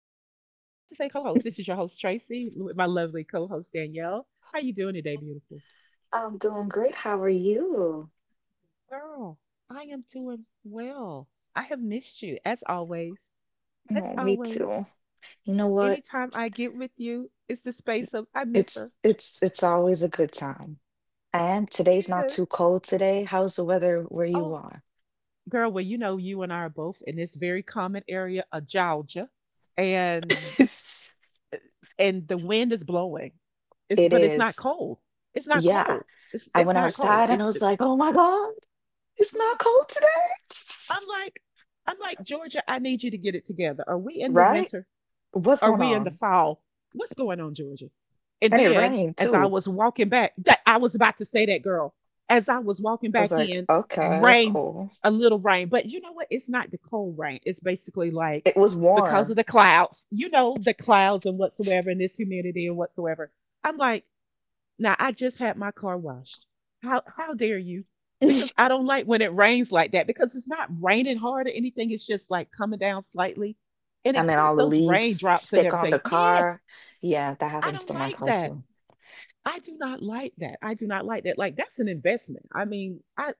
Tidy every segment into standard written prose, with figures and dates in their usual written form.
about to say co-host. This is your host Tracy with my lovely co-host Danielle. How you doing today, beautiful I'm doing great. How are you? girl? I am doing well. I have missed you as always. As No, me always, too. You know what? anytime I get with you, it's the space of I miss her. It's always a good time. And today's not Yes. too cold today. How's the weather where you Oh, are? girl. Well, you know you and I are both in this very common area of Georgia, and and the wind is blowing. It's It but it's not is. cold. It's not Yeah. cold. It's I it's went not cold. outside and I It's was like, oh my God, it's not cold today. I'm like I'm like Georgia. I need you to get it together. Are we in the Right? winter? What's Are going we in the on? fall? What's going on, Georgia? And And it then rained as I too. was walking back, that I was about to say that, girl. As I was walking I was back like, in, okay, rain, cool. a little rain. But you know what? It's not the cold rain. It's basically like It was because of warm. the clouds, you know, the clouds and whatsoever, and this humidity and whatsoever. I'm like, now I just had my car washed. How dare you? Because I don't like when it rains like that because it's not raining hard or anything. It's just like coming down slightly and it And then puts all the those leaves raindrops and stick on the everything. Yeah, car. Yeah, that I happens don't to my like car that. too. I do not like that. I do not like that. Like, that's an investment. I mean, I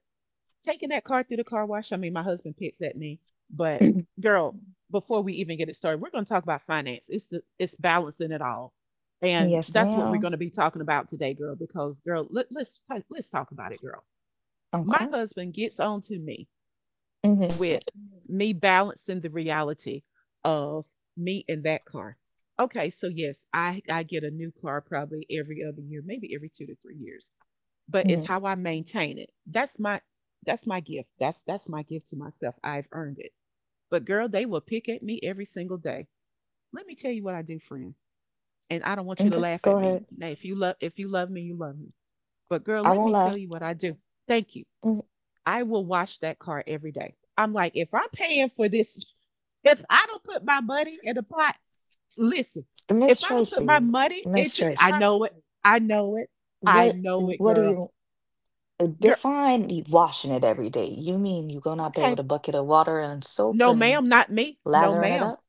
taking that car through the car wash. I mean, my husband picks at me, but Mhm. girl, before we even get it started, we're going to talk about finance. It's balancing it all, and Yes, that's what we're going ma'am. to be talking about today, girl. Because girl, let's talk about it, girl. My Okay. husband gets on to me hmm with me balancing the reality of me in that car. Okay, so yes, I get a new car probably every other year, maybe every 2 to 3 years, but it's hmm. how I maintain it. That's my gift. That's my gift to myself. I've earned it. But girl, they will pick at me every single day. Let me tell you what I do, friend. And I don't want you to Okay. laugh Go at me. ahead. Now, if you love me, you love me. But girl, I let won't me lie. tell you what I do. Thank you. Mhm. I will wash that car every day. I'm like, if I'm paying for this, if I don't put my money in the pot, listen, Miss if I don't put Tracy, my money Miss into, Tracy, I know it. I know it. what I know it, what do girl. you Girl, define washing it every day? You mean you going out there with okay, a bucket of water and soap no, and ma'am, not me. No, lathering it ma'am. up?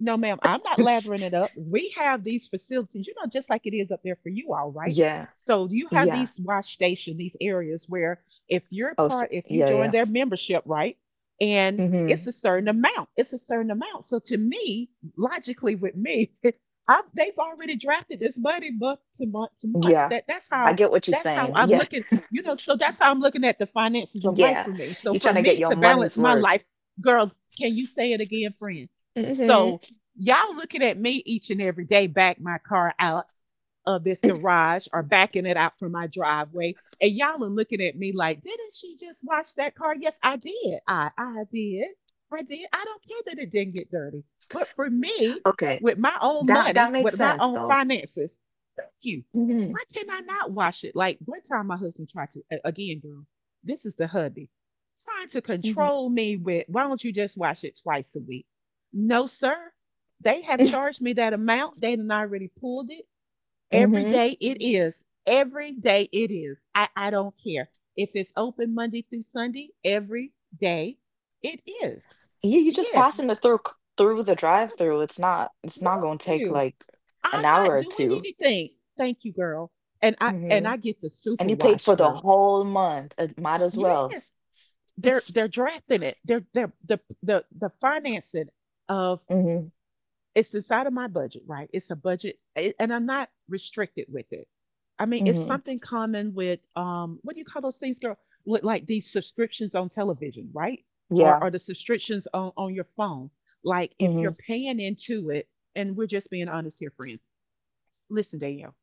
No, ma'am, I'm not lathering it up. We have these facilities, you know, just like it is up there for you all, right? Yeah. So you have Yeah. these wash station, these areas where Oh, so, if you yeah, join yeah. their membership, right? And it's Hmm. a certain amount. It's a certain amount. So to me, logically with me, they've already drafted this money month to month to month. Yeah. That's I how get what you're that's how saying. I'm Yeah. looking, you know, so that's how I'm looking at the finances of life Yeah. for me. So You're for trying to get me your to balance money's my worth. life, girls, can you say it again, friend? Mhm. So y'all looking at me each and every day, back my car out of this garage or backing it out from my driveway. And y'all are looking at me like, didn't she just wash that car? Yes, I did. I did. I did. I don't care that it didn't get dirty. But for me, Okay. with my own That money, makes with my sense own though. finances, thank you. Mhm. Why can I not wash it? Like, one time my husband tried to again, girl, this is the hubby. Trying to Mhm. control me with, why don't you just wash it twice a week? No, sir. They have charged me that amount. They done already pulled it. Every Mhm. day it is. Every day it is. I don't care. If it's open Monday through Sunday, every day it is. Yeah, you just Yes. passing through the drive-through. It's not it's Thank not gonna take you. like an I'm hour not or doing two. anything. Thank you, girl. And Mhm. I get the And super you paid wash, for the girl. whole month. It might as well. Yes. They're drafting it. The the financing of. Mhm. It's inside of my budget, right? It's a budget, and I'm not restricted with it. I mean, it's Mhm. something common with, what do you call those things, girl? With like these subscriptions on television, right? Or Yeah. or the subscriptions on your phone. Like, if you're Mhm. paying into it, and we're just being honest here, friend. Listen, Danielle,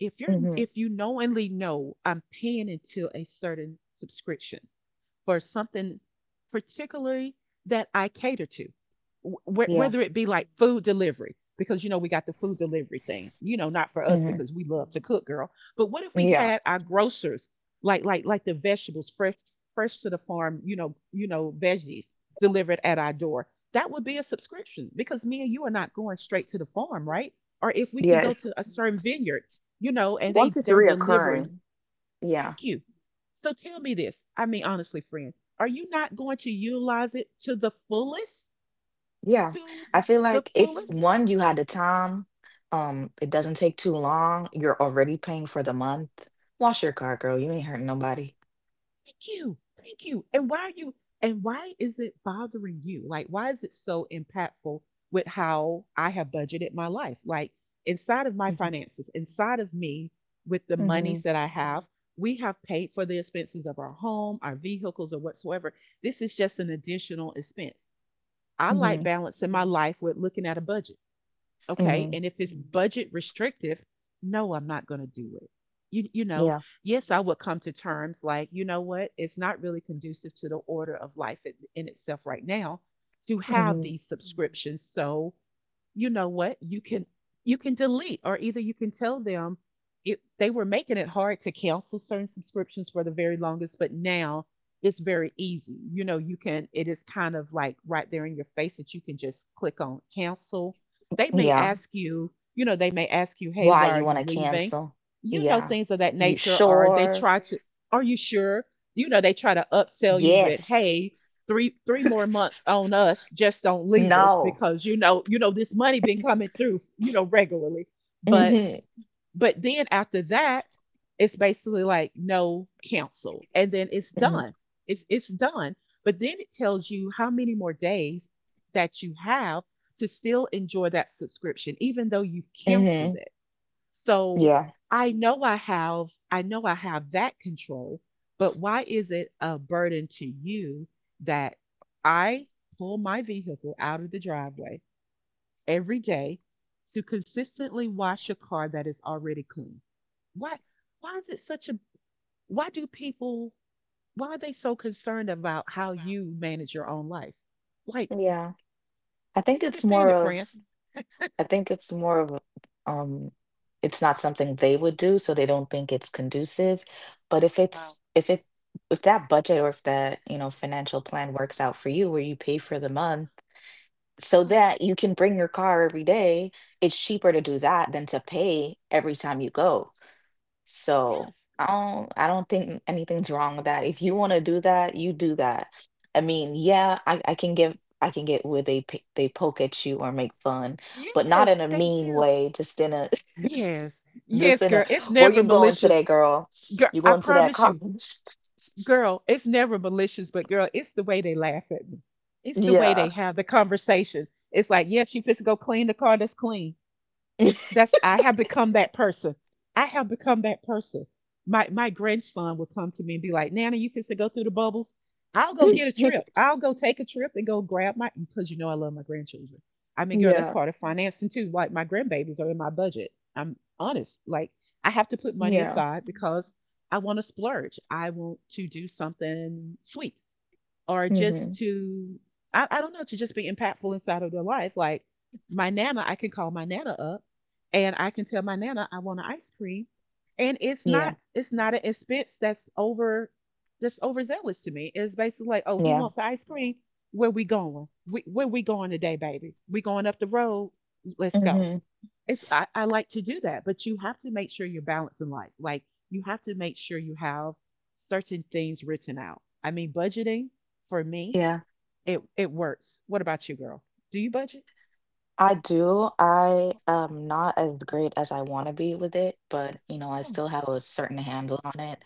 Mhm. if you knowingly know I'm paying into a certain subscription, for something particularly that I cater to, Wh- Yeah. whether it be like food delivery, because you know we got the food delivery thing, you know, not for us Mhm. because we love to cook, girl. But what if we Yeah. had our grocers, like the vegetables, fresh to the farm, you know, veggies delivered at our door? That would be a subscription because me and you are not going straight to the farm, right? Or if we can go Yes. to a certain vineyard, you know, and Once they it's they're delivering. reoccurring, yeah. Thank you. So tell me this. I mean, honestly, friend, are you not going to utilize it to the fullest? Yeah, To I feel the like if fullest? one, you had the time, it doesn't take too long, you're already paying for the month. Wash your car, girl. You ain't hurting nobody. Thank you. Thank you. And why is it bothering you? Like, why is it so impactful with how I have budgeted my life? Like, inside of my Mm-hmm. finances, inside of me, with the Mm-hmm. monies that I have, we have paid for the expenses of our home, our vehicles, or whatsoever. This is just an additional expense. I like Mm-hmm. balancing my life with looking at a budget. Okay, Mm-hmm. and if it's budget restrictive, no, I'm not going to do it. You know, Yeah. yes, I would come to terms like, you know what, it's not really conducive to the order of life in itself right now to Mm-hmm. have these subscriptions. So you know what? You can delete, or either you can tell them. They were making it hard to cancel certain subscriptions for the very longest, but now it's very easy. You know, you can it is kind of like right there in your face that you can just click on cancel. They may Yeah. ask you, you know, they may ask you, "Hey, Why why are you want you to leaving?" cancel? You know, Yeah. things of that You nature, or they sure? try to, "Are you sure?" You know, they try to upsell you with, Yes. "Hey, three more months on us, just don't leave us, No. because you know, this money been coming through, you know, regularly." But Mm-hmm. Then after that, it's basically like, no counsel, and then it's Mm-hmm. done. It's done. But then it tells you how many more days that you have to still enjoy that subscription even though you've canceled Mm-hmm. it. So Yeah. I know I have that control, but why is it a burden to you that I pull my vehicle out of the driveway every day to consistently wash a car that is already clean? Why why is it such a why do people why are they so concerned about how you manage your own life? Like, Yeah. I don't think they it's understand more it, friend? of I think it's more of it's not something they would do, so they don't think it's conducive. But Wow. If that budget or if that, you know, financial plan works out for you where you pay for the month so Yeah. that you can bring your car every day, it's cheaper to do that than to pay every time you go. Yes. So Yes. I don't think anything's wrong with that. If you want to do that, you do that. I mean, Thank yeah, I can get where they they poke at you or make fun, you. but not Yes, in a they mean do. way, just in a Yes. just Yes, in a girl. It's where never you going malicious. today, girl? Girl, You I going to that promise you, college? girl, it's never malicious, but girl, it's the way they laugh at me. It's the way they Yeah. have the conversation. It's like, yeah, she fits to go clean the car that's clean. That's I have become that person. I have become that person. My grandson will come to me and be like, Nana, you fix to go through the bubbles. I'll go get a trip. I'll go take a trip and go grab my, because you know I love my grandchildren. I mean, girl, that's Yeah. part of financing too. Like, my grandbabies are in my budget. I'm honest. Like, I have to put money Yeah. aside because I want to splurge. I want to do something sweet, or just Hmm. to, I don't know, to just be impactful inside of their life. Like, my nana, I can call my nana up and I can tell my nana I want an ice cream, and Yeah. It's not an expense that's over that's overzealous to me. It's basically like, oh, he Yeah. wants the ice cream. Where we going? Where we going today, baby? We going up the road. Let's go. Hmm. It's I like to do that, but you have to make sure you're balanced in life. Like, you have to make sure you have certain things written out. I mean, budgeting for me, Yeah. it works. What about you, girl? Do you budget? I do. I am not as great as I want to be with it, but you know, I Oh, still have a certain handle on it.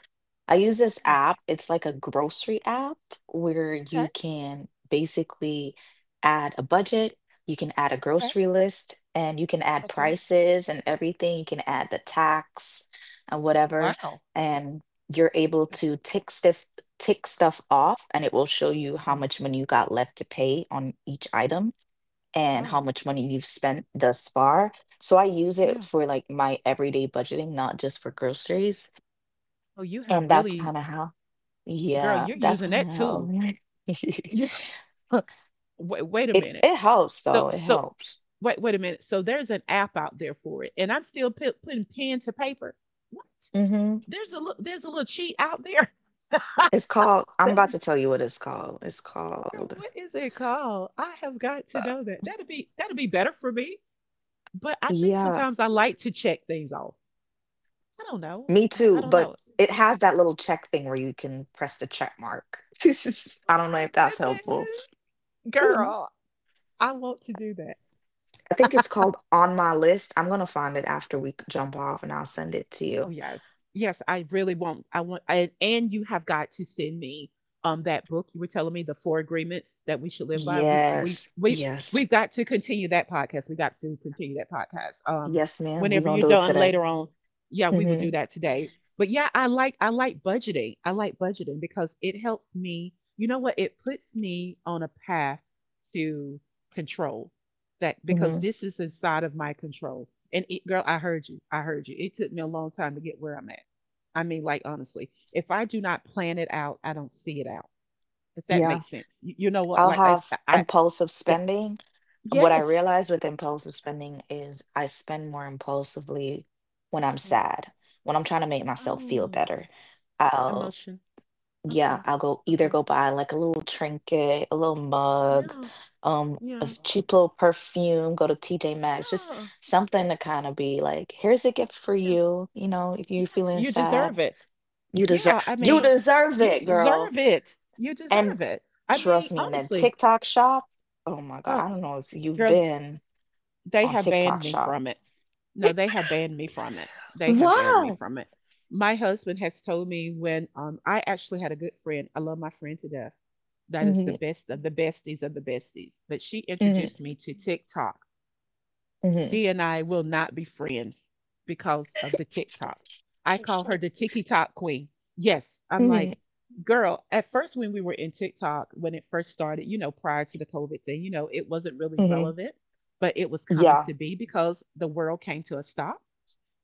I use this yeah. app. It's like a grocery app where Okay. you can basically add a budget, you can add a Okay. grocery list, and you can add Okay. prices and everything. You can add the tax and whatever, Wow. and you're able to tick stuff off, and it will show you how Wow. much money you got left to pay on each item and how Wow. much money you've spent thus far. So I use it Yeah. for like my everyday budgeting, not just for groceries. Oh, you have And that's really, kind of how, girl. yeah, You're that's using that kind of how tool. Yeah. Wait, wait a it minute. it helps So though. It so helps. wait wait a minute. So there's an app out there for it, and I'm still putting pen to paper. What? Hmm. There's a little cheat out there. It's called, I'm There's a about to tell you what it's called. It's called, What is it called? I have got uh, to know that. That'd be better for me. But I think yeah, sometimes I like to check things off. I don't know. me I too. don't But know. it has that little check thing where you can press the check mark. Oh I don't know my if that's helpful. goodness, girl, I want to do that. I think it's called On My List. I'm gonna find it after we jump off and I'll send it to Oh you. yes. Yes, I really won't. And you have got to send me that book you were telling me, the four agreements, that we should live by. We we Yes, we yes, we've got to continue that podcast. We got to continue that podcast. Yes, ma'am. We're Whenever gonna you're do it done today. later on, yeah, we will do Hmm. that today. But yeah, I like budgeting. I like budgeting because it helps me. You know what? It puts me on a path to control that because Hmm. this is inside of my control. And it, girl, I heard you. I heard you. It took me a long time to get where I'm at. I mean, like honestly, if I do not plan it out, I don't see it out. If that Yeah, makes sense, you know what? I'll Like if I, have I impulsive yeah, spending. What I yes. realize with impulsive spending is I spend more impulsively when I'm Mm. sad, when I'm trying to make myself feel Oh, better. emotion. Yeah, Okay, I'll go either okay. go buy like a little trinket, a little mug, Yeah, um, a yeah, s- cheap little perfume, go to TJ Maxx, just yeah, something to kind of be like, here's a gift for yeah. you. You know, if you're Yes, feeling you deserve sad, it. you deserve Yeah, I you mean, deserve you it, girl. deserve it. You And deserve it. I mean, trust me, and then honestly. TikTok shop. Oh my God, Oh, I don't know if you've girl. been They on have banned TikTok me shop. from it. No, they have banned me from it. They have banned me Wow. from it. My husband has told me when I actually had a good friend. I love my friend to death. That is the Hmm. best of the besties of the besties. But she Hmm. introduced me to TikTok. Hmm. She and I will not be friends because of the TikTok. I call her the TikTok queen. Yes, I'm Hmm. like, girl, at first when we were in TikTok, when it first started, prior to the COVID thing, it wasn't really Hmm. relevant, but it was coming Yeah. to be because the world came to a stop,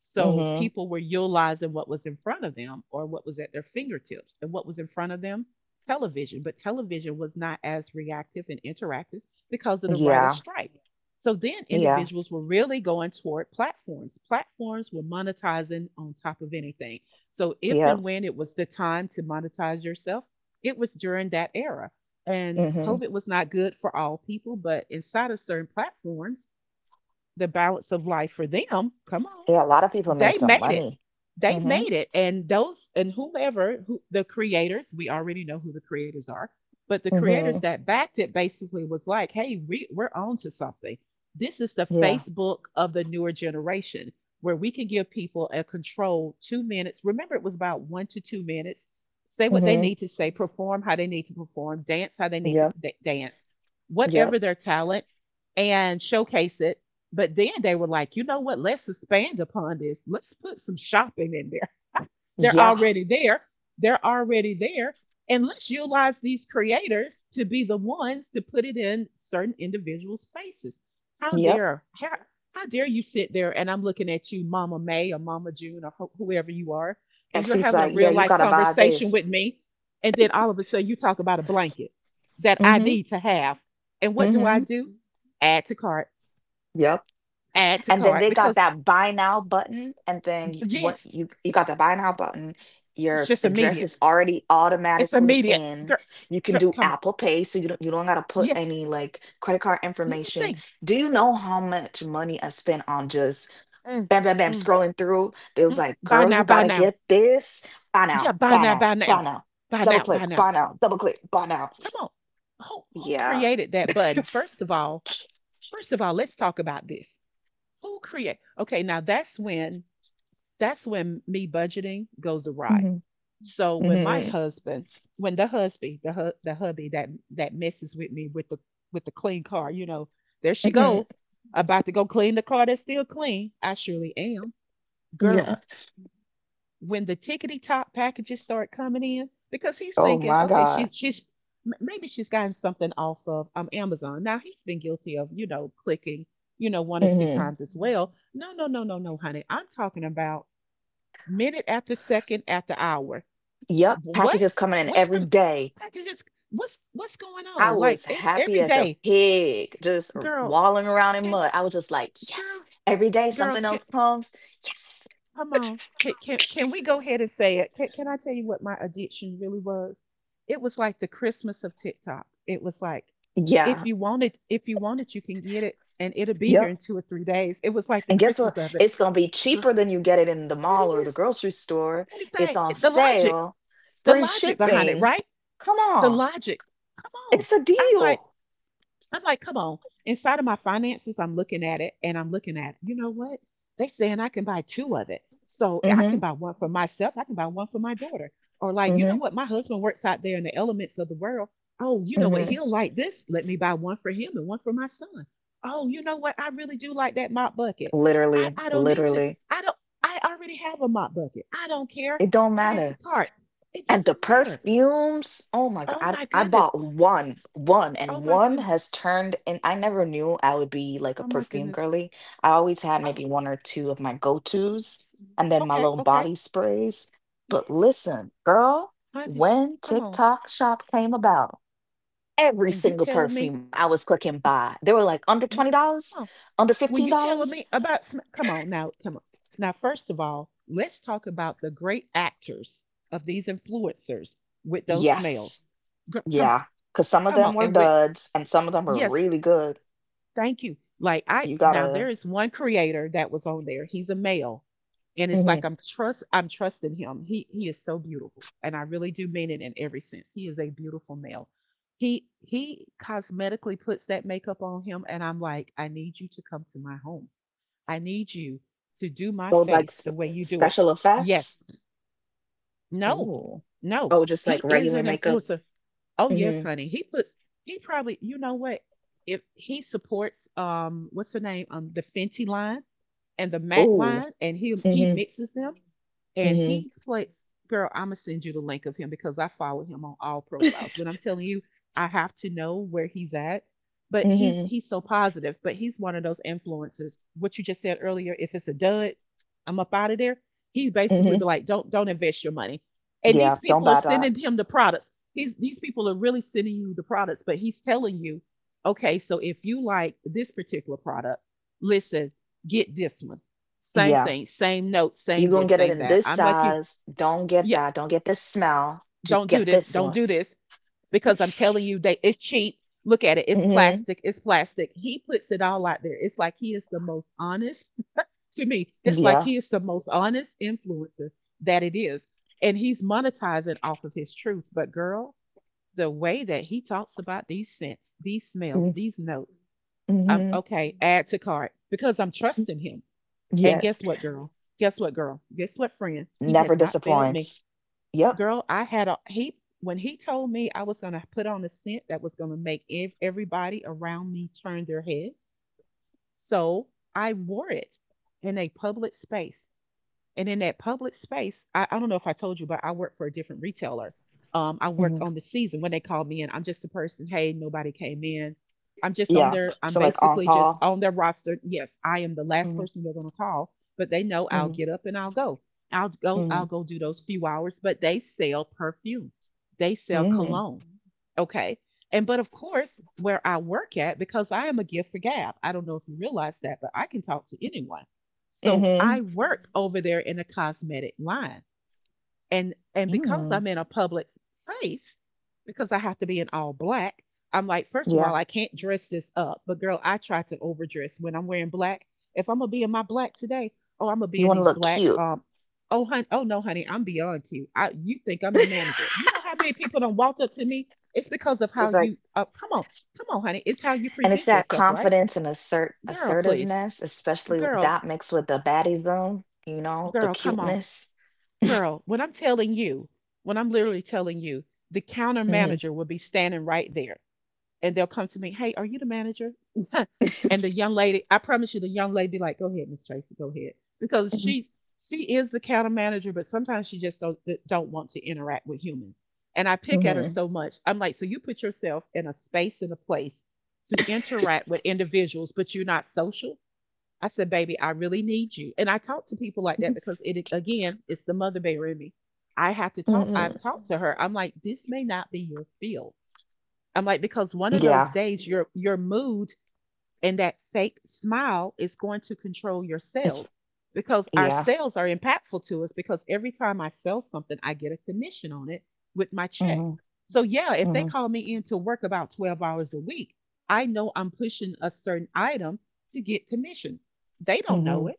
so Hmm. people were utilizing what was in front of them or what was at their fingertips. And what was in front of them? Television. But television was not as reactive and interactive because of the writer's Yeah. strike. So then Yeah. individuals were really going toward platforms. Platforms were monetizing on top of anything. So if and Yep. when it was the time to monetize yourself, it was during that era. And Mm-hmm. COVID was not good for all people, but inside of certain platforms, the balance of life for them, come on, Yeah, a lot of people made they some made it. money. They Mm-hmm. made it. And those and whomever who the creators, we already know who the creators are, but the creators Mm-hmm. that backed it basically was like, hey, we're on to something. This is the Yeah. Facebook of the newer generation where we can give people a control 2 minutes. Remember, it was about 1 to 2 minutes. Say what they Mm-hmm. need to say, perform how they need to perform, dance how they need to Yep. Dance, Yep. whatever their talent, and showcase it. But then they were like, you know what? Let's expand upon this. Let's put some shopping in there. They're Yeah. already there. They're already there. And let's utilize these creators to be the ones to put it in certain individuals' faces. How Yep. dare how, how dare you sit there, and I'm looking at you, Mama May or Mama June or whoever you are, and And you're she's having a like, yeah, real you life gotta buy conversation with this. me, and then all of a sudden you talk about a blanket that I Mm-hmm. need to have. And what do I Mm-hmm. do? Add to cart, Yep. add to And then cart, they got because that buy now button, and then y- what yes, you got the buy now button, it's your just address immediate. is already It's automatically immediate. in. Girl, You can girl, do come on. Apple Pay, so you don't gotta put Yes, any like credit card information. nothing. Do you know how much money I've spent on just Mm, bam, bam, bam, mm, scrolling through. They was mhm. like, Buy girl, now, you buy gotta now. get this. Buy now, Yeah, buy buy now, now, buy buy now. now. Buy Double now, click, buy now. buy now, double click, buy now. Come on. Who Yeah. created that button? First of all, let's talk about this. Who create? Okay, now that's when me budgeting goes awry. Hmm. So when my Hmm. husband, when the husband, the hubby that messes with me with the clean car, there she Hmm. go, about to go clean the car that's still clean. I surely am, Yeah. girl. When the tickety top packages start coming in, because he's Oh thinking, my okay, God. she's maybe she's gotten something off of Amazon. Now he's been guilty of clicking, one or two Hmm. times as well. No, no, no, no, no, honey. I'm talking about minute after second after hour. Yep. Packages What? coming in What's every com day. I can just what's going I on? Like was every happy every as a day, pig, just girl, walling around in can mud. I was just like, girl, yes. Every day girl, something can else comes. Yes. come on. Can we go ahead and say it? Can I tell you what my addiction really was? It was like the Christmas of TikTok. It was like Yeah. if you want it, if you want it, you can get it and it'll be here in Yep. 2 or 3 days. It was like the And guess what? Christmas of it. It's going to be Girl, cheaper than you get it in the there it mall or the is. grocery store. It's Everything. on sale, The free logic behind it, shipping. right? Come The on. logic. Come on. It's a I'm like, deal. Come on. Inside of my finances, I'm looking at it, and I'm looking at, you know what? They saying I can buy two of it. So I can Mhm. buy one for myself. I can buy one for my daughter. Or like, you know Mhm. what? My husband works out there in the elements of the world. Oh, you know what? Mhm. He'll like this. Let me buy one for him and one for my son. Oh, you know what? I really do like that mop bucket. I, Literally, I don't need to. literally. I don't. I already have a mop bucket. I don't care. It don't Add to matter. cart. It And the doesn't matter. perfumes, oh my Oh God, my I goodness. bought one, one, Oh and my one goodness. has turned, and I never knew I would be like a Oh my perfume goodness. girly. I always had Oh. maybe one or two of my go-tos Yes. and then my Okay, little okay. body sprays. But Yes. listen, girl, Honey, when come on. TikTok shop came about, every And you single telling me, perfume I was clicking buy, they were like under w- $20, come on, under when you telling $15. me about, come on. Now, first of all, let's talk about the great actors of these influencers with those smells. Yes. Gr- Come, Yeah. Because some of come them on, were and when duds and some of them were yes, really good. thank you. Like I You now there gotta. is one creator that was on there. He's a male. And it's like Mhm. I'm trusting him. He is so beautiful. And I really do mean it in every sense. He is a beautiful male. He cosmetically puts that makeup on him, and I'm like, I need you to come to my home. I need you to do my Oh, like face the way you do it. special Yes. effects? No. Ooh. No. Oh, just like He is regular an makeup? influencer. Oh, yes, Hmm. honey. He puts he probably You know what? If he supports what's her name? The Fenty line and the matte Oh. line, and he Hmm. mixes them, and Hmm. he plays. Girl, I'm gonna send you the link of him because I follow him on all profiles. When I'm telling you, I have to know where he's at. But he's Hmm. he's so positive. But he's one of those influencers. What you just said earlier, if it's a dud, I'm up out of there. He basically be Hmm. like, don't invest your money. And Yeah, these don't people are buy that. sending him the products. These people are really sending you the products, but he's telling you, okay, so if you like this particular product, listen, get this one. Same Yeah. thing, same note, You same gonna this, get it same in that. this I'm like you. size. Don't get Yeah, that. Don't get this smell. Just get this don't one. do this because I'm telling you they it's cheap. Look at it. It's Hmm. plastic. It's plastic. He puts it all out there. It's like he is the most honest to me. It's like Yeah. he is the most honest influencer that it is. And he's monetizing off of his truth. But girl, the way that he talks about these scents, these smells, these notes, I'm Mm-hmm. okay, add to cart because I'm trusting him. And Yes. guess what, girl? Guess what, girl? Guess what, friend? He Never has not failed me. disappoints. Yep. Girl, I had a he when he told me I was gonna put on a scent that was gonna make everybody around me turn their heads. So I wore it in a public space. And in that public space, I don't know if I told you, but I worked for a different retailer. I worked Hmm. on the season when they called me in. I'm just a person. Hey, nobody came in. Yeah. I'm So like on basically just call. on their roster. Yes, I am the last Mm-hmm. person they're going to call, but they know I'll get up and I'll go. I'll go, Mm-hmm. I'll go do those few hours, but they sell perfume. They sell Hmm. cologne. Okay. And, but of course, where I work at, because I am a gift for gab, I don't know if you realize that, but I can talk to anyone. So Hmm. I work over there in the cosmetic line. And because Mm. I'm in a public place, because I have to be in all black, I'm like, first of all, I can't dress this up. But girl, I try to overdress when I'm wearing black. If I'm gonna be in my black today, oh, I'm gonna be You in want to these look black cute. Oh hun, oh no, honey, I'm beyond cute. I, you think I'm the manager. You know how many people don't walk up to me? It's because of It how was like, you come on, come on, honey. It's how you and it's present that yourself, right? confidence and Girl, please. assertiveness, especially Girl, that mixed with the baddie zone, you know, the girl, come on. cuteness. Girl, when I'm telling you, when I'm literally telling you, the counter Hmm. manager will be standing right there and they'll come to me, "Hey, are you the manager?" And the young lady, I promise you, the young lady be like, "Go ahead, Miss Tracy, go ahead." Because she is the counter manager, but sometimes she just don't don't want to interact with humans. And I pick at her Hmm. so much. I'm like, so you put yourself in a space and a place to interact with individuals, but you're not social. I said, baby, I really need you. And I talk to people like that because, it again, it's the mother bear in me. I have to talk. I've Hmm. talked to her. I'm like, this may not be your field. I'm like, because one of those Yeah, days your mood and that fake smile is going to control your it's sales because our yeah. sales are impactful to us because every time I sell something, I get a commission on it with my check. Hmm. So, yeah, if they Hmm. call me in to work about 12 hours a week, I know I'm pushing a certain item to get commission. They don't know Hmm. it.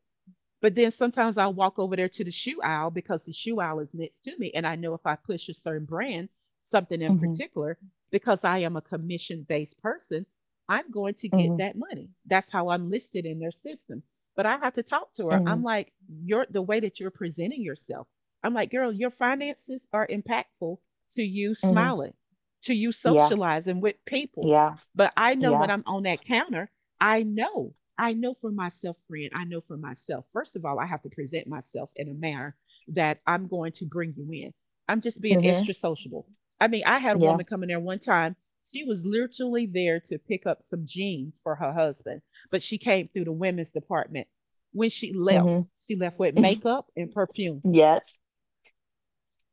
But then sometimes I'll walk over there to the shoe aisle because the shoe aisle is next to me. And I know if I push a certain brand, something in Hmm. particular, because I am a commission based person, I'm going to Hmm. get Hmm. that money. That's how I'm listed in their system. But I have to talk to her. I'm like, you're the way that you're presenting yourself. I'm like, girl, your finances are impactful to you Hmm. smiling, to you Yeah, socializing with people. yeah, But I know when yeah. I'm on that counter, I know I know for myself, friend, I know for myself. First of all, I have to present myself in a manner that I'm going to bring you in. I'm just being Hmm. extra sociable. I mean, I had a Yeah. woman come in there one time. She was literally there to pick up some jeans for her husband, but she came through the women's department. When Hmm. she left with makeup and perfume. Yes.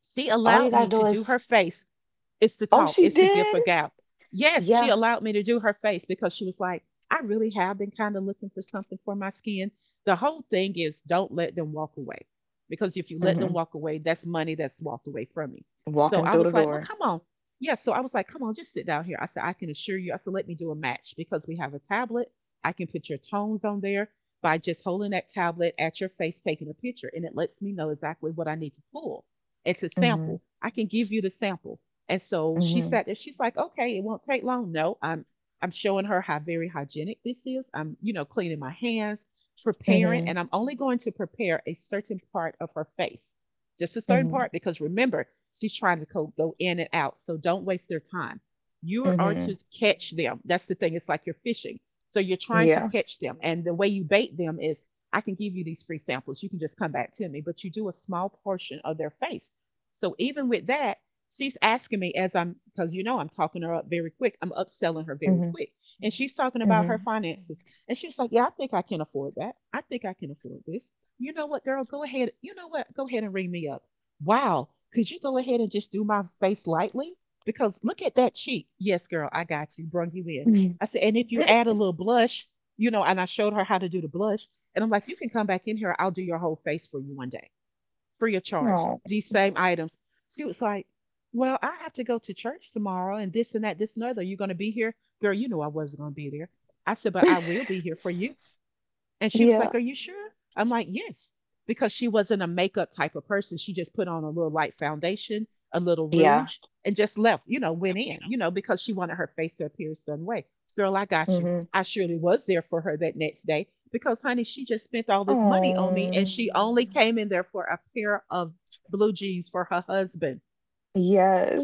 She All you allowed gotta me do to do is, her face. It's the oh, talk, she it's the gift for did. gab. Yes, she Yeah. allowed me to do her face because she was like, I really have been kind of looking for something for my skin. The whole thing is don't let them walk away. Because if you let them Hmm. walk away, that's money that's walked away from you. So Walking I through was the like, well, door. come on. Yeah, so I was like, come on, just sit down here. I said, I can assure you. I said, let me do a match because we have a tablet. I can put your tones on there by just holding that tablet at your face, taking a picture, and it lets me know exactly what I need to pull and to Hmm. sample. I can give you the sample. And so she Hmm. sat there. She's like, okay, it won't take long. No, I'm showing her how very hygienic this is. I'm, you know, cleaning my hands, preparing, Mhm, and I'm only going to prepare a certain part of her face. Just a certain mhm, part, because remember, she's trying to go in and out. So don't waste their time. You are to mhm. catch them. That's the thing. It's like you're fishing. So you're trying to Yeah. catch them. And the way you bait them is I can give you these free samples. You can just come back to me, but you do a small portion of their face. So even with that, she's asking me as because you know I'm talking her up very quick. I'm upselling her very Mhm, quick. And she's talking about mhm. her finances. And she's like, yeah, I think I can afford that. I think I can afford this. You know what, girl? Go ahead. You know what? Go ahead and ring me up. Wow. Could you go ahead and just do my face lightly? Because look at that cheek. Yes, girl, I got you. Brung you in. I said, and if you add a little blush, you know, and I showed her how to do the blush. And I'm like, you can come back in here. I'll do your whole face for you one day free of charge, Oh. these same items. She was like, well, I have to go to church tomorrow and this and that, this and other. You're going to be here? Girl, you know I wasn't going to be there. I said, but I will be here for you. And she was Yeah. like, are you sure? I'm like, yes, because she wasn't a makeup type of person. She just put on a little light foundation, a little Yeah. rouge, and just left, you know, went in, you know, because she wanted her face to appear a certain way. Girl, I got you. Mhm. I surely was there for her that next day because, honey, she just spent all this money on me and Oh. she only Mm. came in there for a pair of blue jeans for her husband.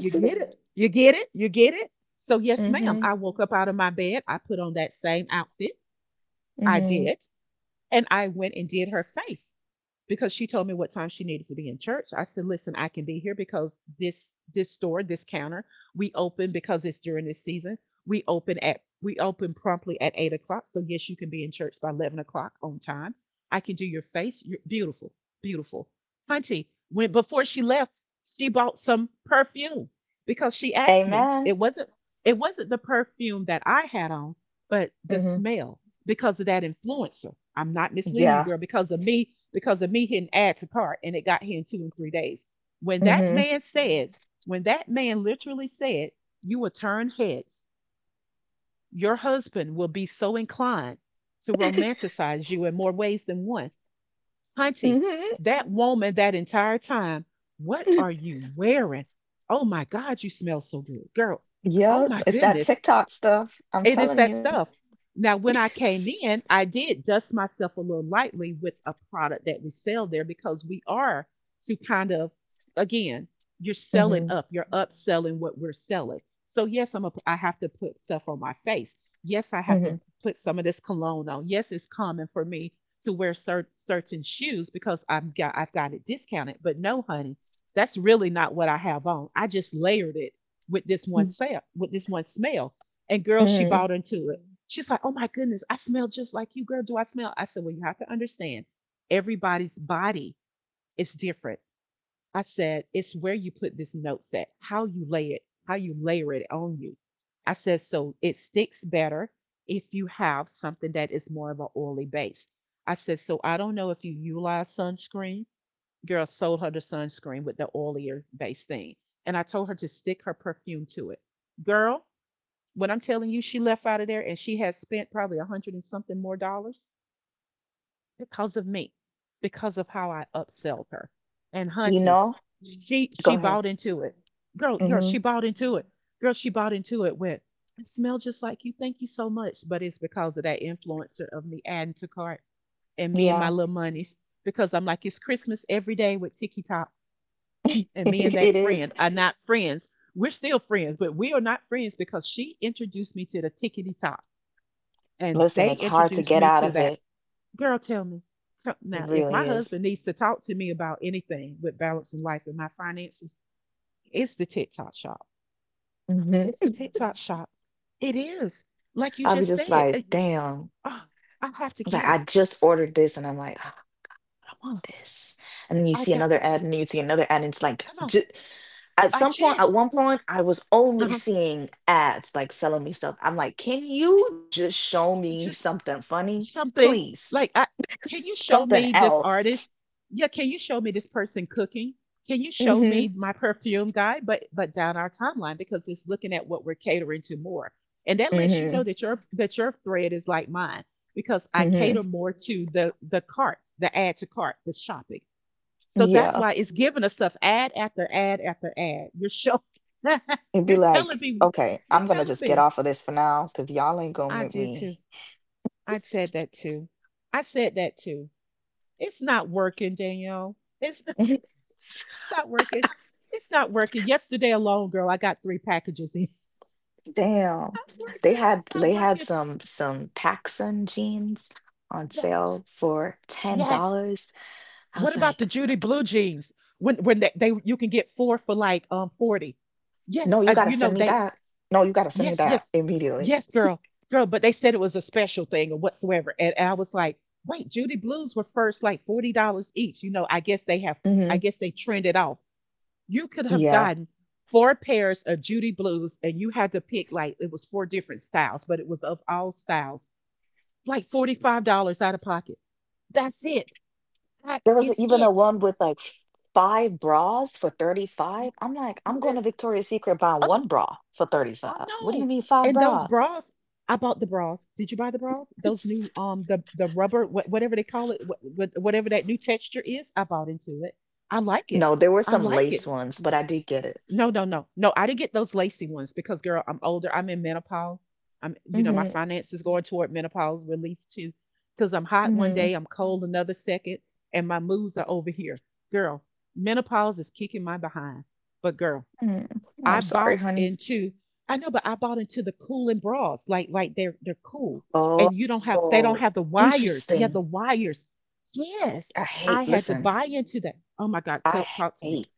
You get Yeah. it? You get it? You get it? So, yes, ma'am, Mhm, I woke up out of my bed. I put on that same outfit. I mhm. did. And I went and did her face because she told me what time she needed to be in church. I said, "Listen, I can be here because this store, this counter, we open because it's during this season. We open promptly at 8 o'clock. So yes, you can be in church by 11 o'clock on time. I can do your face. You're beautiful, beautiful, hunty." When before she left, she bought some perfume because she asked me. Amen. It wasn't the perfume that I had on, but the Mhm. smell because of that influencer. I'm not misleading you, Yeah. girl, because of me hitting add to cart and it got here in two and three days. When that Mhm, man says, when that man literally said, you will turn heads, your husband will be so inclined to romanticize you in more ways than one. Hunty, mhm. that woman that entire time, what are you wearing? Oh my God, you smell so good, girl. Oh Yep, my it's that goodness. TikTok stuff. I'm It is telling that you. stuff. Now, when I came in, I did dust myself a little lightly with a product that we sell there because we are to kind of, again, you're selling Mhm, up, you're upselling what we're selling. So, yes, I have to put stuff on my face. Yes, I have to mhm, put some of this cologne on. Yes, it's common for me to wear certain shoes because I've got it discounted. But no, honey, that's really not what I have on. I just layered it with this one, Mm. sale with this one smell and girl, she mhm. bought into it. She's like, oh my goodness, I smell just like you, girl. Do I smell? I said, well, you have to understand everybody's body is different. I said, it's where you put this note set, how you lay it, how you layer it on you. I said, so it sticks better if you have something that is more of an oily base. I said, so I don't know if you utilize sunscreen. Girl sold her the sunscreen with the oilier base thing. And I told her to stick her perfume to it. Girl, when I'm telling you, she left out of there and she has spent probably $100 and something more because of me, because of how I upselled her. And You hunty, know? Go she ahead. bought into it. Girl, Mhm. she bought into it. Girl, she bought into it with I smell just like you. Thank you so much. But it's because of that influencer of me adding to cart and me and my Yeah. little monies. Because I'm like, it's Christmas every day with Tiki Top. And me and It that is. friend are not friends. We're still friends, but we are not friends because she introduced me to the Tickety Top and Listen, they it's hard to introduced get me out to of that it. girl. Tell me, It now if really my husband needs to talk to me about anything with balancing life and my finances, it's the TikTok shop. It's is. the TikTok shop. It is. Like you I'll be just just said, like, damn. oh, I have to I'm like get it. I just ordered this, and I'm like, "Ah, I don't want Oh, this." And then you I see got, another ad, and then you see another ad, and it's like, come on. At i some point, at just one point, I was only uh-huh. seeing ads like selling me stuff. I'm like, can i you just show I me just something funny, something, please? like, I, can you show Something me this else. artist? Yeah, can you show me this person cooking? Can you show Hmm. me my perfume guy? But down our timeline, because it's looking at what we're catering to more, and that lets you know Hmm. that your thread is like mine, because I cater Hmm. more to the cart, the add to cart, the shopping. So that's Yeah. why it's giving us stuff ad after ad after ad. You're show- It'd be you're telling like, me. okay, You're I'm gonna telling just get me. off of this for now, because y'all ain't gonna I make did too. me. I said that too. I said that too. It's not working, Danielle. It's not, it's not working. It's not working. Yesterday alone, girl, I got 3 packages in. It's Damn. not They working. had It's not they had working. Some Pacsun jeans on Yes. sale for ten Yes. dollars. I What was about the like, Judy blue jeans? When they you can get 4 for like 40. Yes, no, you gotta you know send me they, that. No, you gotta send me yes, yes. that immediately. Yes, girl. Girl, but they said it was a special thing or whatsoever. And I was like, "Wait, Judy blues were first like $40 each." You know, I guess they have, I Hmm. guess they trended off. You could have Yeah. gotten 4 pairs of Judy blues, and you had to pick, like it was 4 different styles, but it was of all styles, like $45 out of pocket. That's it. That There was is even a it. one with like five bras for 35. Y- I'm like, I'm going to Yes. Victoria's Secret buying Oh, one bra for I 35. What do you know. mean five And those bras? bras, I bought the bras. Did you buy the bras? Those new the rubber whatever they call it, whatever that new texture is, I bought into it. I like it. No, there were I some like lace it. ones, but I did get it. No, no, no. No, I didn't get those lacy ones, because girl, I'm older. I'm in menopause. I'm, you know, my Hmm. finances going toward menopause relief too. Because I'm hot one Hmm. day, I'm cold another second, and my moods are over here. Girl, menopause is kicking my behind. But girl, Mm. I I'm sorry, bought honey. into— I know, but I bought into the cooling bras. Like they're cool. Oh, And you don't have— Mhm. They oh, don't have the wires. Yeah, interesting. the wires. Yes. I I hate, had to listen, buy into that. Oh my God, I tell— talk to me. hate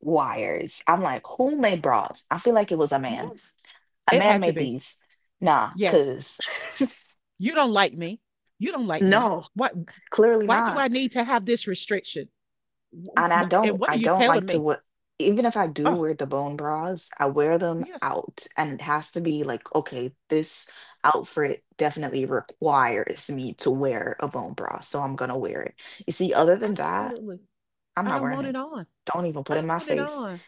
wires. I'm like, who made bras? I feel like it was a man. Yes, A it man had to made be. these. Nah, Yes. cuz You don't like me. You don't like me. no, Why clearly why do not. I need to have this restriction? And I What and don't, what are I you don't like telling to me? what even if I do Oh, wear the bone bras, I wear them yes. out and it has to be like, okay, this outfit definitely requires me to wear a bone bra, so I'm gonna wear it. You see, other than that, Absolutely. I'm I not don't wearing want it it. on. Don't even I put it in don't my want it face. on.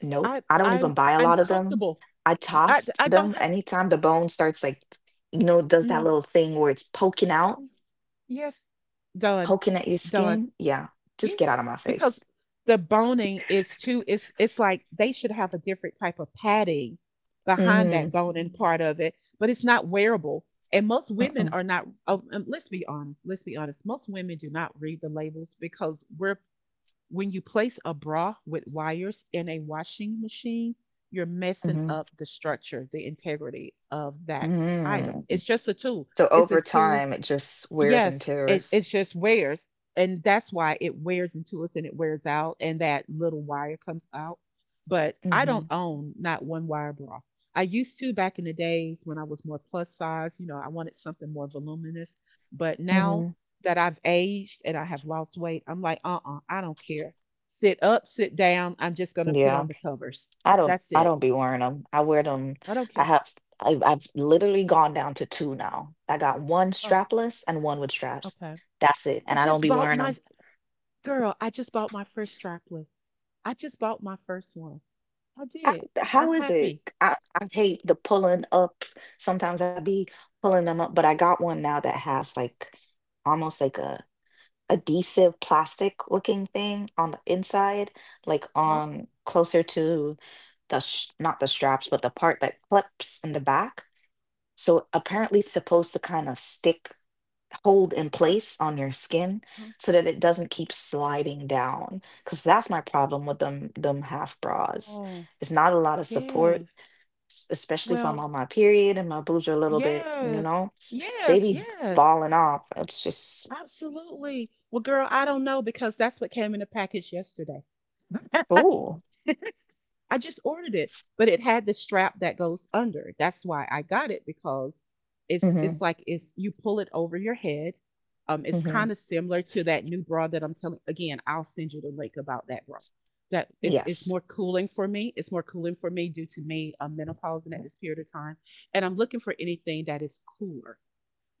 Nope. I I don't even I'm buy a I'm lot of them. comfortable. I toss I don't them have anytime the bone starts like, you know, does that no. little thing where it's poking out, Mm, yes. Done. poking at your Done. skin. Yeah, just get Yes, out of my because face. the boning is too— it's like they should have a different type of padding behind that Mm-hmm. boning— Mm. part of it, but it's not wearable. And most women Mm-mm. are not— oh, let's be honest, let's be honest. Most women do not read the labels, because we're— when you place a bra with wires in a washing machine, you're messing Mm-hmm. up the structure, the integrity of that item. Mm-hmm. It's just a tool. So It's a over tool. time, it just wears and Yes, it tears. it's just wears, and that's why it wears into us and it wears out, and that little wire comes out. But I Mm-hmm. don't own not one wire bra. I used to, back in the days when I was more plus size, you know, I wanted something more voluminous. But now Mm-hmm. that I've aged and I have lost weight, I'm like, uh-uh, I don't care. Sit up, sit down. I'm just gonna put Yeah. on the covers. I don't That's I it. don't be wearing them. I wear them. I don't I care. have I've literally gone down to two now. I got one Oh, strapless and one with straps. okay. That's it. I And I don't just be bought wearing my— them. girl, I just bought my first strapless. I just bought my first one. I I, did. how I'm is happy. it? I hate the pulling up. Sometimes I be pulling them up, but I got one now that has like almost like a adhesive plastic looking thing on the inside, like Huh? on closer to the sh not the straps, but the part that clips in the back. So apparently it's supposed to kind of stick, hold in Huh? place on your skin Huh? so that it doesn't keep sliding down. Because that's my problem with them half bras. Oh, It's not a lot of support, yes. Especially if I'm Well, on my period and my boobs are a little bit, yeah. They Yes, be yes. falling off. It's just Absolutely. Well, girl, I don't know, because that's what came in the package yesterday. cool. I just ordered it, but it had the strap that goes under. That's why I got it, because hmm it's like it's you pull it over your head. It's hmm kind of similar to that new bra that I'm telling. Again, I'll send you the link about that bra. That it's Yes. more cooling for me. It's more cooling for me due to me menopausing at this period of time, and I'm looking for anything that is cooler,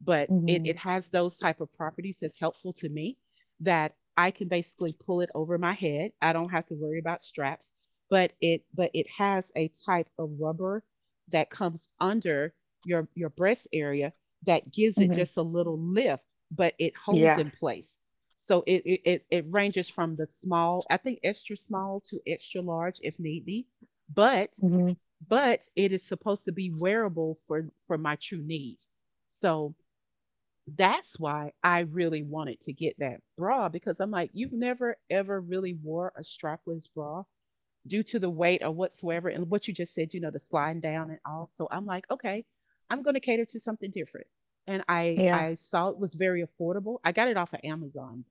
but it hmm it has those type of properties that's helpful to me, that I can basically pull it over my head. I don't have to worry about straps, but it has a type of rubber that comes under your breast area that gives it hmm just a little lift, but it holds Yeah. in place. So it ranges from the small, I think extra small to extra large if need be, but hmm but it is supposed to be wearable for my true needs. So that's why I really wanted to get that bra, because I'm like, you've never ever really wore a strapless bra due to the weight or whatsoever, and what you just said, you know, the sliding down and all. So I'm like, okay, I'm going to cater to something different. And Yeah. I saw it was very affordable. I got it off of Amazon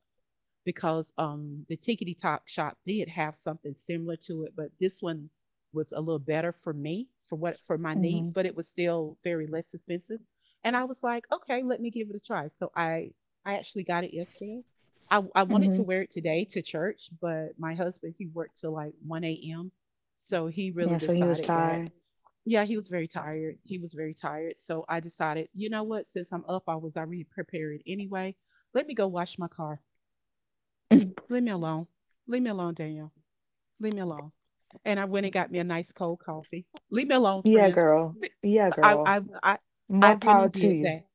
because the Tickety Talk Shop did have something similar to it, but this one was a little better for me for what— for my hmm needs, but it was still very less expensive. And I was like, okay, let me give it a try. So I actually got it yesterday. I wanted to hmm wear it today to church, but my husband he worked till like 1 a.m. So he really Yeah. So he was decided that— tired. yeah, he was very tired. He was very tired. So I decided, you know what, since I'm up, I was already prepared anyway. Let me go wash my car. Leave me alone. Leave me alone, Danielle. Leave me alone. And I went and got me a nice cold coffee. Leave me alone, yeah, friend. girl. Yeah, I girl. I I, I More went power and to did you. that.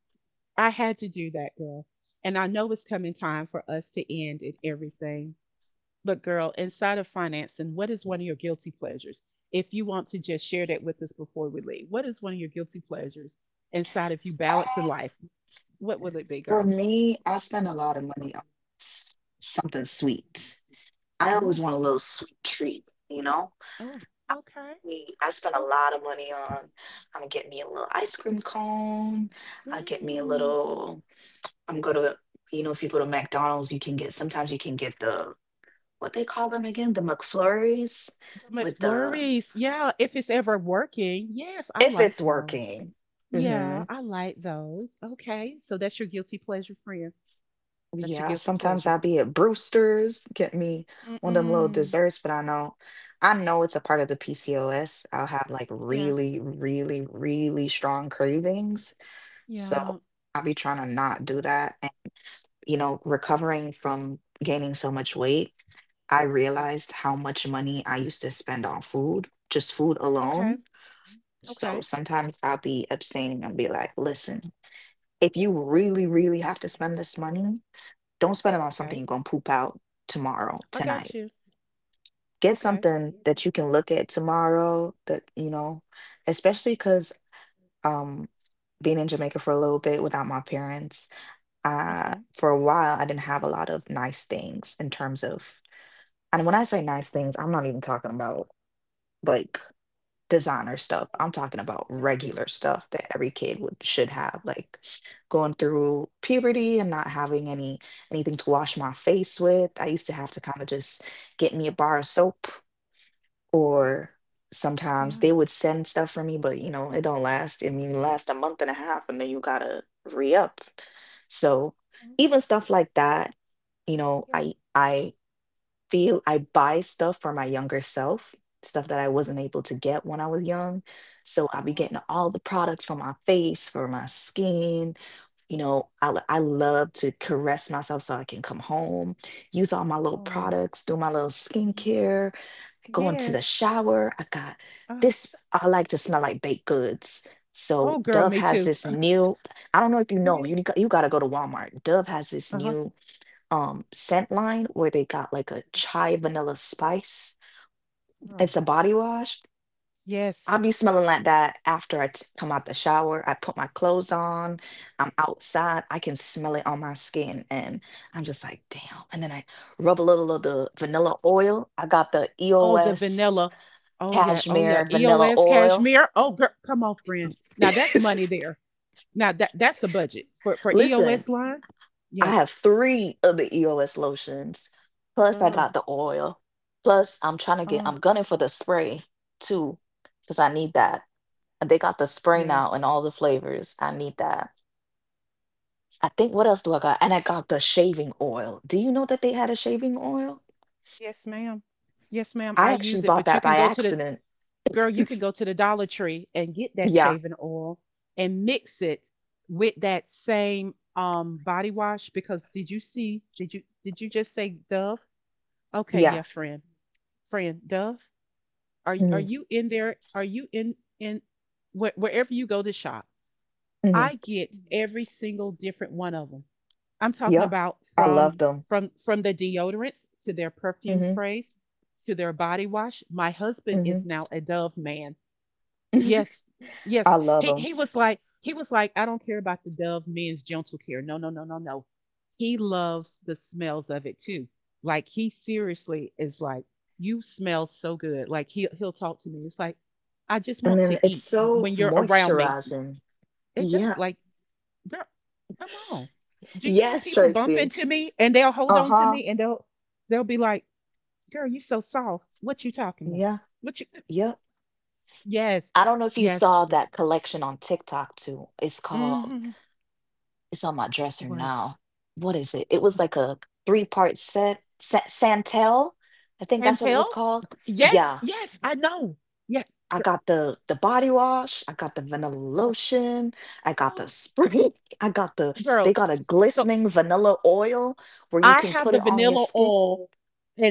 I had to do that, girl. And I know it's coming time for us to end in everything. But girl, inside of financing, what is one of your guilty pleasures? If you want to just share that with us before we leave, what is one of your guilty pleasures inside of you balancing life? Uh, What will it be, For girl? me, I spend a lot of money on something sweet. I always Ooh, want a little sweet treat, you know? oh, okay. Me, I spend a Oh, lot of money on, I'm gonna get me a little ice cream cone. I get me a mm. little, I'm gonna, you know, if you go to McDonald's, you can get, sometimes you can get the, what they call them again? The McFlurries with the, McFlurries. Yeah, if it's ever working. Yes, I if like it's those. working. Yeah, Hmm I like those. Okay, so that's your guilty pleasure, friend. That's your Yeah, guilty sometimes pleasure. I'll be at Brewster's, get me one of them little Mm-mm. desserts, but I know it's a part of the PCOS. I'll have like Yes. really, really, really strong cravings. Yeah. So I'll be trying to not do that. And you know, recovering from gaining so much weight, I Yes. realized how much money I used to spend on food, just food Okay. alone. So Okay. sometimes I'll be abstaining and be like, listen, if you really, really have to spend this money. Don't spend it on something Okay. you're gonna poop out tomorrow, I got tonight. you. Get Okay. something that you can look at tomorrow that, you know, especially because um being in Jamaica for a little bit without my parents, Okay. for a while I didn't have a lot of nice things in terms of, and when I say nice things, I'm not even talking about like designer stuff. Mm. I'm talking about Yeah. regular stuff that every kid would should have, like going through puberty and not having anything to wash my face with. I used to have to kind of just get me a bar of soap Okay. or sometimes they Yeah. would send stuff for me, but you know, it don't last. I mean, it last a month and a half and then you gotta re-up. So Oh, even stuff like that, you know, yeah. I feel I buy stuff for my younger self, stuff that I wasn't able to get when I was young. So I'll be Huh? getting all the products for my face, for my skin. You know, I love to caress myself so I can come home, use all my little Oh. products, do my little Ye- skincare, go into yes. the shower. I got Uh, this, I like to smell like baked goods. oh, So girl, Dove me has too. this new, I don't know if you know, Yes. You got to go to Walmart. Dove has this Uh-huh. new scent line where they got like a chai vanilla spice. Girl. It's a body wash. Yes. I'll be smelling like that after come out the shower. I put my clothes on. I'm outside. I can smell it on my skin, and I'm just like, damn. And then I rub a little of the vanilla oil. I got the Oh, the EOS vanilla. Oh yeah. Oh yeah. cashmere vanilla EOS oil. cashmere. Oh girl, come on, friend. Now that's money there. Now that that's a budget for Listen. EOS line. I Yes, have three of the EOS lotions. Plus, I girl. got the oil. Plus, I'm trying to get, Oh I'm gunning for the spray too, because I need that. And they got the spray yes, now in all the flavors. I need that. I think, what else do I got? And I got the shaving oil. Do you know that they had a shaving oil? yes, ma'am. Yes, ma'am. I I actually use it, bought but you that can by go to the— accident. girl. You can It's- go to the Dollar Tree and get that yeah, shaving oil and mix it with that same body wash. Because did you see? Did you just say Dove? Okay, yeah. yeah, friend, friend, Dove. Are hmm you in there? Are you in— in where wherever you go to shop? I hmm get— Mhm. every single different one of them. I'm talking Yep. about I from— love them. from the deodorants to their perfume Hmm sprays to their body wash. My husband is hmm now a Dove man. Yes. Yes. I love them. He was like, he was like, I don't care about the Dove men's gentle care. No, no, no, no, no. He loves the smells of it too. Like, he seriously is like, you smell so good. Like, he he'll talk to me. It's like, I just And want then to it's eat so when you're around me. moisturizing. It does, Yeah. like, girl, come on. Do you know Yes, people bump Tracy. into me and they'll hold Uh on to huh. me, and they'll be like, girl, you so soft. What you talking about? Yeah. What you? Yep. Yes, I don't know if you yes, saw true. that collection on TikTok too. It's called, Mm-hmm. it's on my dresser Like— now. What is it? It was like a 3 part set, Santel. I think that's what it Chantel? was called. Yes, Yeah. yes, I know. Yes. I gir- got the body wash, I got the vanilla uh, lotion, I got the Oh, spray, I got the, they girl. got a So glistening vanilla oil where you I can have put the it on your vanilla skin. oil,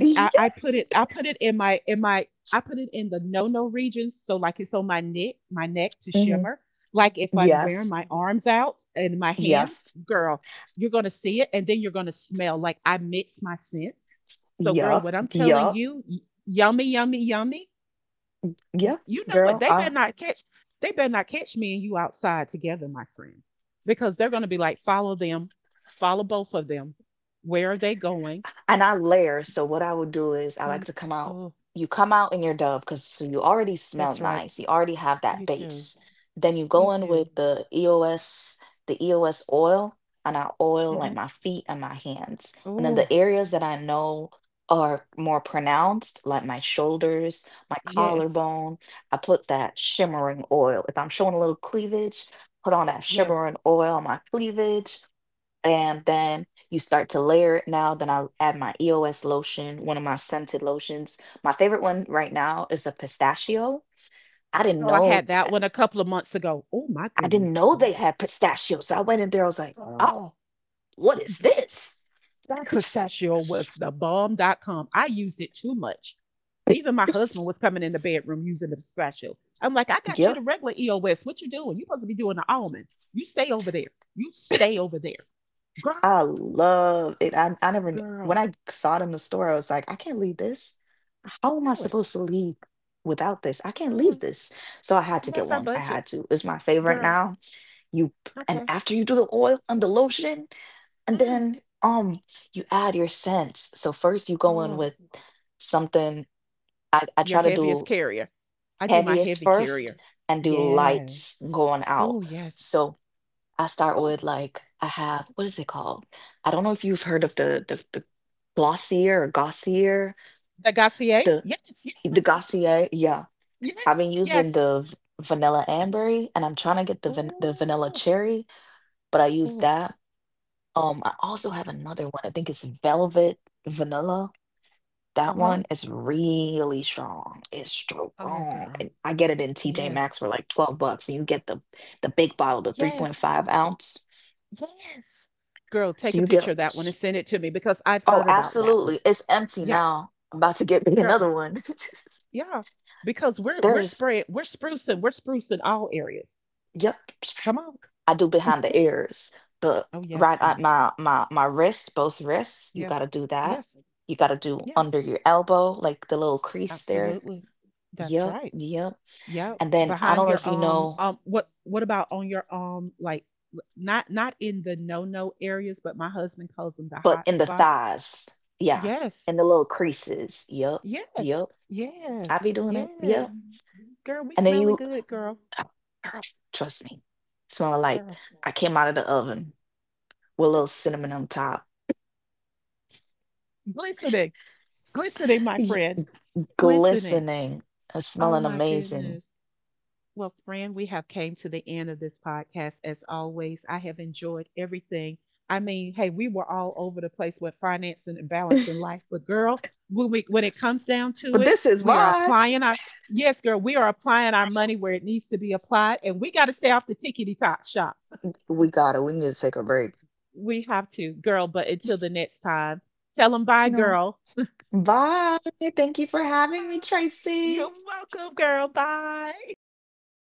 I Yes. put it— I put it in my— in my— I put it in the no no regions. So like it's on my neck to hmm shimmer. Like, if I'm wearing Yes. my arms out and my hands, Yes. girl, you're gonna see it, and then you're gonna smell— like I mix my scents. So girl, Yup, what I'm telling yup, you, yummy, yummy, yummy. you, yup, you know what? girl. They better I not catch— they better not catch me and you outside together, my friend. Because they're gonna be like, follow them, follow both of them. Where are they going? and I layer. So what I would do is I like Mm, to come out. oh, You come out in your Dove because so you already smell that's right. nice. You already have that You too. base. Then you You go in too. with the EOS, the EOS oil, and I oil Mm-hmm. like my feet and my hands. And then the Oh, areas that I know are more pronounced, like my shoulders, my yes, collarbone, I put that shimmering oil. If I'm showing a little cleavage, put on that yes. shimmering oil on my cleavage. And then you start to layer it now. Then I'll add my EOS lotion, one of my scented lotions. My favorite one right now is a pistachio. I didn't Girl, I know had that I one a couple of months ago. Oh my I didn't goodness. know they had pistachios. So I went in there, I was like, oh, Oh, what is what? this? That pistachio was the bomb. Dot com. I used it too much. Even my husband was coming in the bedroom using the pistachio. I'm like, I got you the Yep. regular EOS. What you doing? You supposed to be doing the almond. You stay over there. You stay over there. Girl, I love it. I never when girl. I saw it in the store, I was like, I can't leave this. How I am I know it. supposed to leave without this? I I can't know leave it. this. So I had to And get that's our one. I budget. had to. It's my favorite Girl. now. You and Okay. after you do the oil and the lotion, and Mm. then you add your scents. So first you go in Oh. with something. I Your try to heaviest do carrier. I do my heaviest heavy first carrier. and do Yeah. lights going out. Oh yes. So I start Oh, with like I have what is it called? I don't know if you've heard this— of the Glossier or Gossier, the Gassier. the Yes, yes, the Gossier, yeah. yes, yes, I've been using yes. the vanilla ambery and I'm trying to get the vanilla Oh, cherry, but I use oh, that. I also have another one. I think it's Velvet Vanilla. That uh-huh. one is really strong. It's Oh, strong. girl. And I get it in TJ Yes. Maxx for like 12 bucks, and you get the big bottle, the Yes. 3.5 ounce. Yes. Girl, So take a you get, picture of that one and s- send it to me, because I've oh, heard about that one. absolutely. It's empty Yeah, now. I'm about to get me girl. Um, another one. yeah. Because we're— There we're is, spraying, we're sprucing all areas. yep. Come on. I do behind the ears, but Oh, yes, right at honey. My wrist, both wrists, you Yes. gotta do that. Yes. You gotta do Yes. under your elbow, like the little crease there. Absolutely. That's Yep, right. yep. Yep, And then I behind don't know your if you um know, um what— what about on your like— not not in the no-no areas, but my husband calls them the but hot in the spots. thighs, yeah, Yes. in the little creases. Yep, Yes. yep. I be Yes. doing it. Yes. Yep. Girl, we And then smelling you, good, girl. oh, girl, trust me, smelling like Girl. I came out of the oven with a little cinnamon on top, Glistening. Glistening, my y- friend. Glistening. glistening and Oh smelling my amazing. goodness. Well, friend, we have came to the end of this podcast. As always, I have enjoyed everything. I mean, hey, we were all over the place with financing and balancing life, but girl, when we— when it comes down to But it, this is we are why applying our— yes, girl, we are applying our money where it needs to be applied, and we got to stay off the tickety tock shop. we got it. We need to take a break. We have to, girl. But until the next time, tell them bye, No. girl. Bye. Thank you for having me, Bye. You're Tracy. welcome, girl. Bye. Bye.